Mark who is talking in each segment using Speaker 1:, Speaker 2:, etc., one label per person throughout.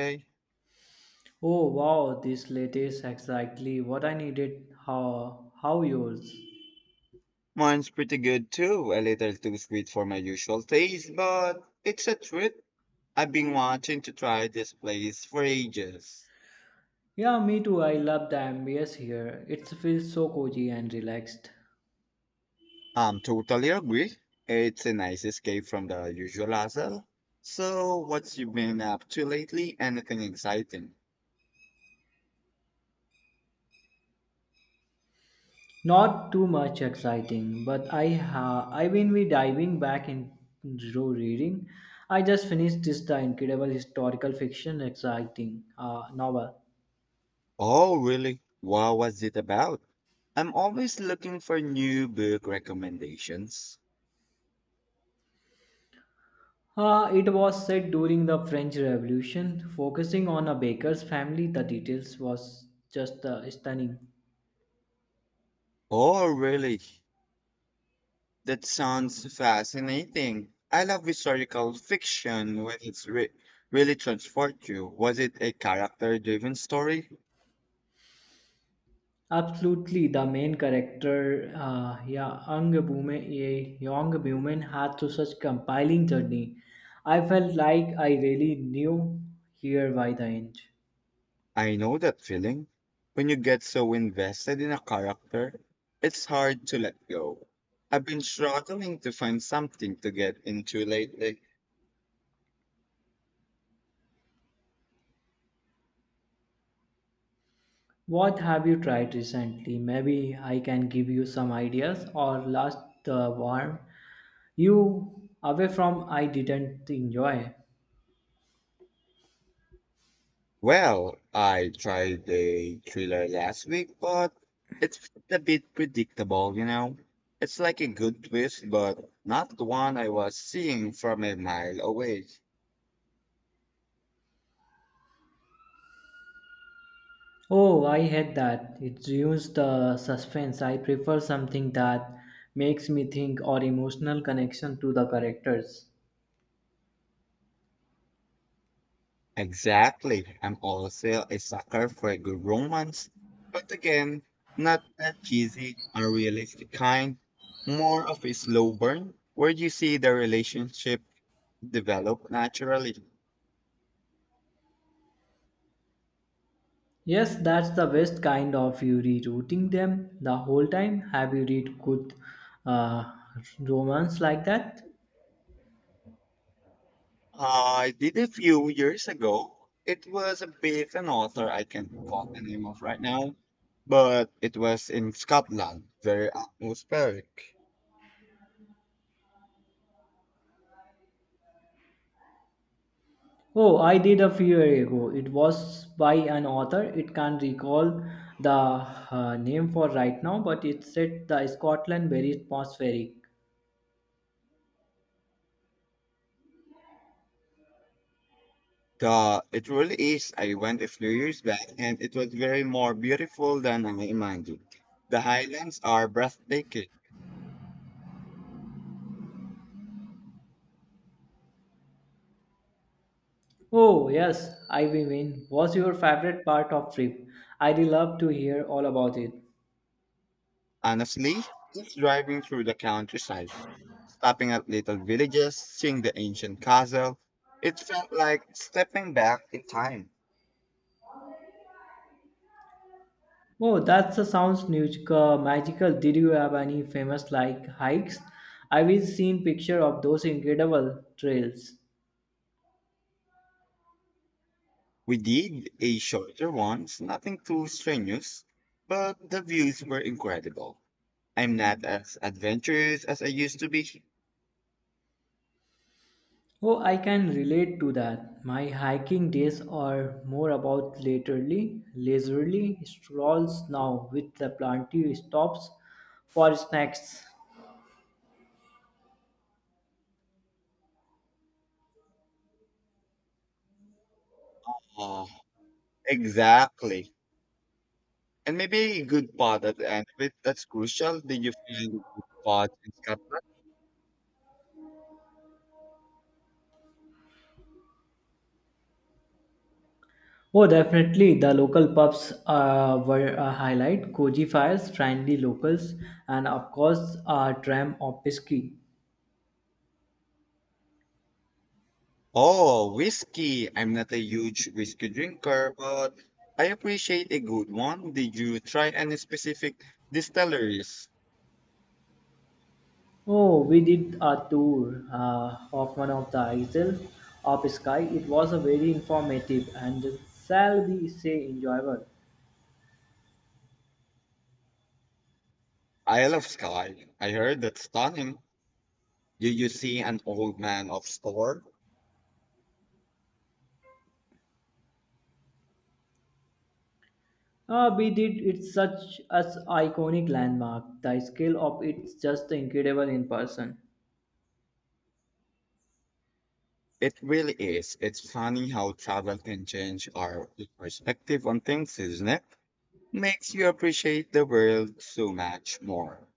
Speaker 1: Hey,
Speaker 2: Oh wow, this latest exactly what I needed. How yours?
Speaker 1: mine's pretty good too. A little too sweet for my usual taste, but it's a treat. I've been wanting to try this place for ages.
Speaker 2: Yeah, me too. I love the ambience here. It feels so cozy and relaxed.
Speaker 1: Totally agree. It's a nice escape from the usual hassle. So, what's you been up to lately? Anything exciting?
Speaker 2: Not too much exciting, but I will be diving back into reading. I just finished this the incredible historical fiction exciting novel.
Speaker 1: Oh, really? What was it about? I'm always looking for new book recommendations.
Speaker 2: It was set during the French Revolution, focusing on a baker's family. The details was just stunning.
Speaker 1: Oh, really? That sounds fascinating. I love historical fiction when really transport you. Was it a character-driven story?
Speaker 2: Absolutely, the main character, young Bume, a young woman, had to such compiling journey. I felt like I really knew here by the end.
Speaker 1: I know that feeling. When you get so invested in a character, it's hard to let go. I've been struggling to find something to get into lately.
Speaker 2: What have you tried recently? Maybe I can give you some ideas or last the warm you away from I didn't enjoy.
Speaker 1: Well, I tried a thriller last week, but it's a bit predictable, you know. It's like a good twist, but not the one I was seeing from a mile away.
Speaker 2: Oh, I hate that. It ruins the suspense. I prefer something that makes me think or emotional connection to the characters.
Speaker 1: Exactly. I'm also a sucker for a good romance, but again, not that cheesy or realistic kind. More of a slow burn where you see the relationship develop naturally.
Speaker 2: Yes, that's the best kind of you rerouting them the whole time. Have you read good uh, romance like that?
Speaker 1: I did a few years ago. It was with an author I can't call the name of right now, but it was in Scotland, very atmospheric.
Speaker 2: Oh, I did a few years ago. It was by an author. It can't recall the name for right now, but it said the Scotland very atmospheric.
Speaker 1: It really is. I went a few years back and it was very more beautiful than I imagined. The highlands are breathtaking.
Speaker 2: Oh yes, I mean, was your favorite part of trip? I'd love to hear all about it.
Speaker 1: Honestly, just driving through the countryside, stopping at little villages, seeing the ancient castle, it felt like stepping back in time.
Speaker 2: Oh, that's a magical. Did you have any famous like hikes? I've seen picture of those incredible trails.
Speaker 1: We did a shorter ones, nothing too strenuous, but the views were incredible. I'm not as adventurous as I used to be.
Speaker 2: Oh, I can relate to that. My hiking days are more about leisurely strolls now with the plenty stops for snacks.
Speaker 1: Uh, Exactly. And maybe a good pod at the end of it. That's crucial. Did you find a good pod in Scotland?
Speaker 2: Oh, definitely. The local pubs were a highlight. Koji fires, friendly locals, and of course, a dram of whiskey.
Speaker 1: Oh, whiskey. I'm not a huge whiskey drinker, but I appreciate a good one. Did you try any specific distilleries?
Speaker 2: Oh, we did a tour of one of the isles of Sky. It was a very informative and shall we say enjoyable.
Speaker 1: Isle of Skye. I heard that's stunning. You see an old man of store.
Speaker 2: We did it such as iconic landmark. The scale of it's just incredible in person.
Speaker 1: It really is. It's funny how travel can change our perspective on things, isn't it? Makes you appreciate the world so much more.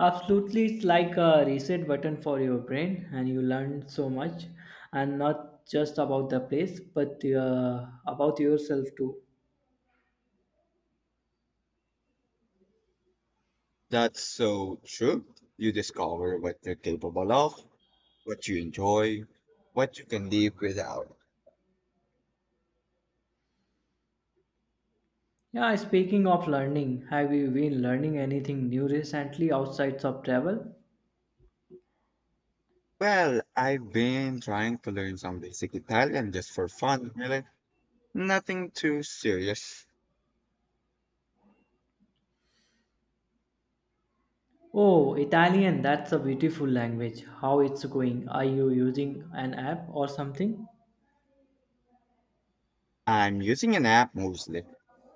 Speaker 2: Absolutely, it's like a reset button for your brain, and you learn so much, and not just about the place, but about yourself too.
Speaker 1: That's so true. You discover what you're capable of, what you enjoy, what you can live without.
Speaker 2: Yeah, speaking of learning, have you been learning anything new recently outside of travel?
Speaker 1: Well, I've been trying to learn some basic Italian just for fun, really. Nothing too serious.
Speaker 2: Oh, Italian, that's a beautiful language. How it's going? Are you using an app or something?
Speaker 1: I'm using an app mostly,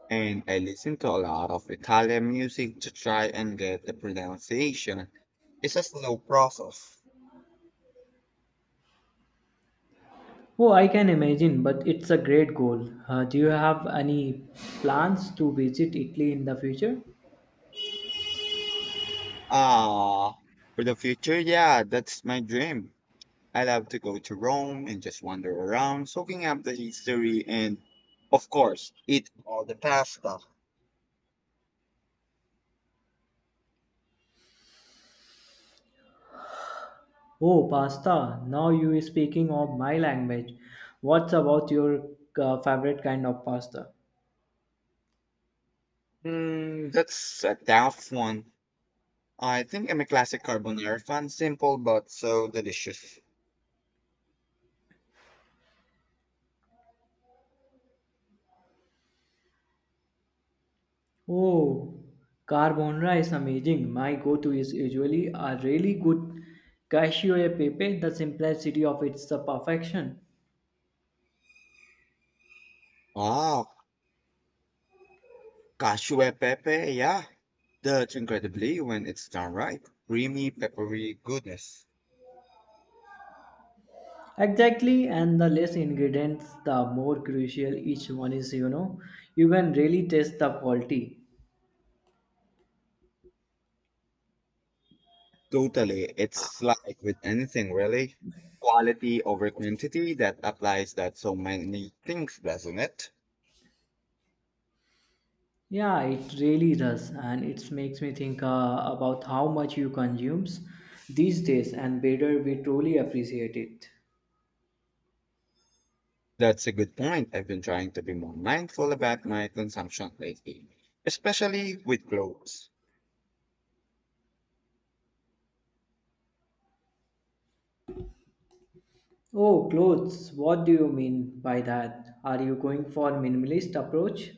Speaker 1: and I listen to a lot of Italian music to try and get the pronunciation. It's a slow process.
Speaker 2: Oh, I can imagine, but it's a great goal. Do you have any plans to visit Italy in the future?
Speaker 1: Ah, for the future, yeah, that's my dream. I love to go to Rome and just wander around, soaking up the history and, of course, eat all the pasta.
Speaker 2: Oh, pasta. Now you is speaking of my language. What's about your favorite kind of pasta?
Speaker 1: Hmm, that's a tough one. I think I'm a classic carbonara fan, simple but so delicious.
Speaker 2: Oh, carbonara is amazing. My go-to is usually a really good cashew pepe. The simplicity of it's the perfection.
Speaker 1: Ah. Cashew and pepe, yeah. That's incredibly when it's done right. Creamy, peppery goodness.
Speaker 2: Exactly, and the less ingredients, the more crucial each one is. You know, you can really taste the quality.
Speaker 1: Totally. It's like with anything really. Quality over quantity that applies that so many things, doesn't it?
Speaker 2: Yeah, it really does, and it makes me think about how much you consumes these days, and better we truly appreciate it.
Speaker 1: That's a good point. I've been trying to be more mindful about my consumption lately, especially with clothes.
Speaker 2: Oh, clothes. What do you mean by that? Are you going for minimalist approach?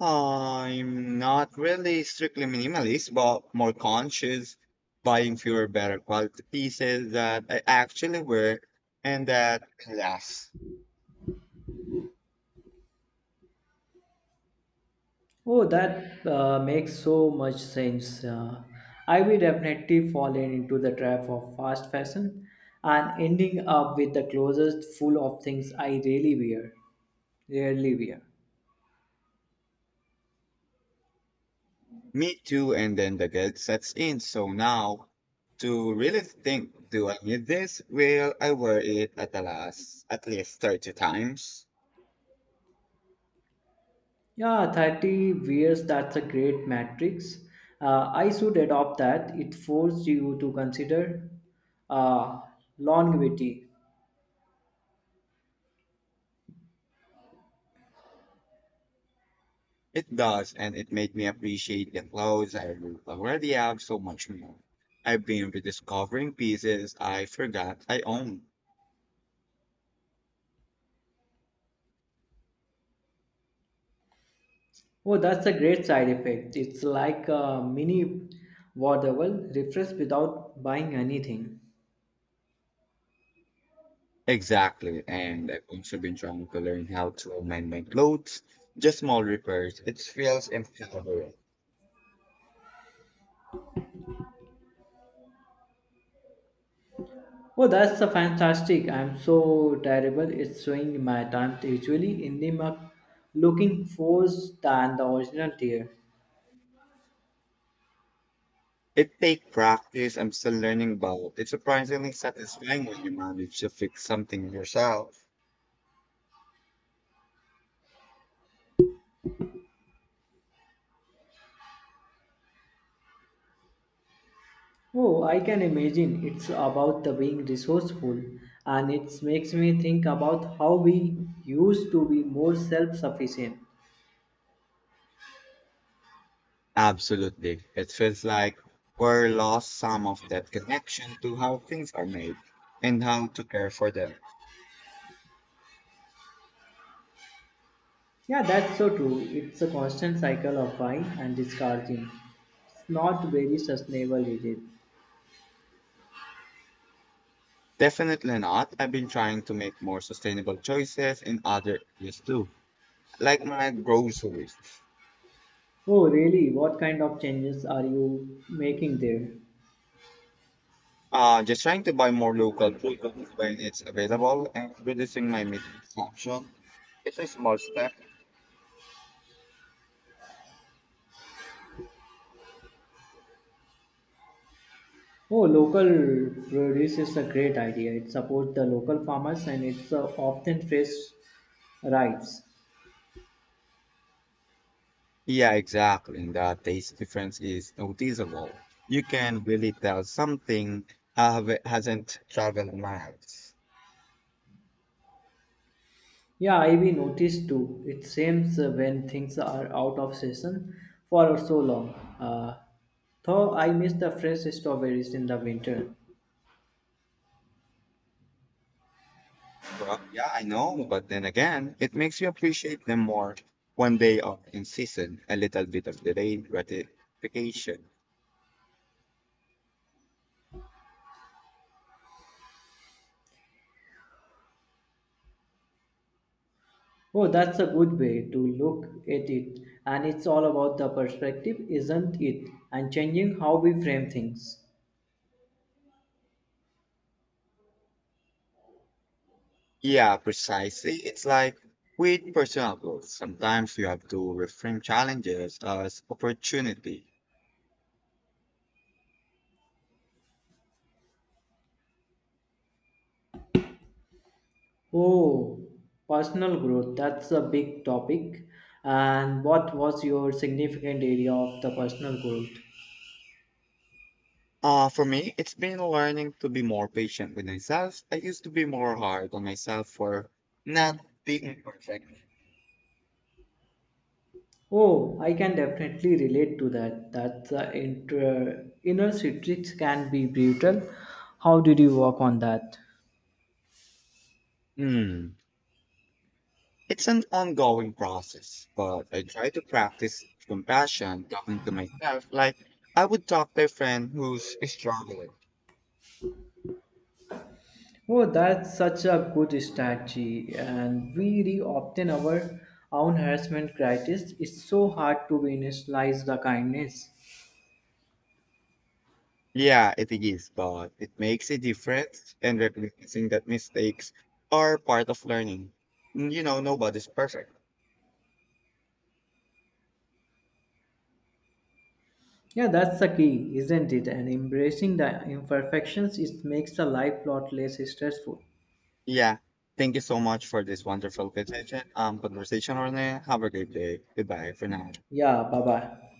Speaker 1: I'm not really strictly minimalist, but more conscious, buying fewer better quality pieces that I actually wear and that last.
Speaker 2: Oh, that makes so much sense. I will definitely fall into the trap of fast fashion and ending up with the closest full of things I really wear. Rarely wear.
Speaker 1: Me too, and then the guilt sets in. So now, to really think, do I need this? Will I wear it at the last at least 30 times?
Speaker 2: Yeah, 30 wears, that's a great matrix. I should adopt that. It forces you to consider uh, longevity.
Speaker 1: It does, and it made me appreciate the clothes I already have so much more. I've been rediscovering pieces I forgot I owned.
Speaker 2: Oh, that's a great side effect. It's like a mini Wordable, refresh without buying anything.
Speaker 1: Exactly. And I've also been trying to learn how to mend my clothes, just small repairs. It feels empowering.
Speaker 2: Oh, that's a fantastic. I'm so terrible. It's showing my time usually in the mug looking forced than the original tier.
Speaker 1: It takes practice. I'm still learning about. It's surprisingly satisfying when you manage to fix something yourself.
Speaker 2: Oh, I can imagine. It's about the being resourceful and it makes me think about how we used to be more self-sufficient.
Speaker 1: Absolutely. It feels like we're lost some of that connection to how things are made and how to care for them.
Speaker 2: Yeah, that's so true. It's a constant cycle of buying and discarding. It's not very sustainable, is it?
Speaker 1: Definitely not. I've been trying to make more sustainable choices in other areas too, like my groceries.
Speaker 2: Oh, really? What kind of changes are you making there?
Speaker 1: Just trying to buy more local food when it's available and reducing my meat consumption. It's a small step.
Speaker 2: Oh, local produce is a great idea. It supports the local farmers and it's often fresh arrives.
Speaker 1: Yeah, exactly. The taste difference is noticeable. You can really tell something hasn't traveled miles.
Speaker 2: Yeah, I we noticed too. It seems when things are out of season for so long. Though I miss the fresh strawberries in the winter.
Speaker 1: Well, yeah, I know, but then again, it makes you appreciate them more when they are in season. A little bit of delayed gratification.
Speaker 2: Oh, that's a good way to look at it. And it's all about the perspective, isn't it? And changing how we frame things.
Speaker 1: Yeah, precisely. It's like with personal growth. Sometimes you have to reframe challenges as opportunity.
Speaker 2: Oh, personal growth, that's a big topic. And what was your significant area of the personal growth?
Speaker 1: For me, it's been learning to be more patient with myself. I used to be more hard on myself for not being perfect.
Speaker 2: Oh, I can definitely relate to that. That the inner citrix can be brutal. How did you work on that?
Speaker 1: Hmm. It's an ongoing process, but I try to practice compassion, talking to myself like I would talk to a friend who's struggling.
Speaker 2: Oh, that's such a good strategy, and we re-obtain our own harassment critics. It's so hard to initialize the kindness.
Speaker 1: Yeah, it is, but it makes a difference and recognizing that mistakes are part of learning. You know, nobody's perfect.
Speaker 2: Yeah, that's the key, isn't it? And embracing the imperfections, it makes the life lot less stressful.
Speaker 1: Yeah. Thank you so much for this wonderful conversation, Orne. Have a great day. Goodbye for now.
Speaker 2: Yeah, bye bye.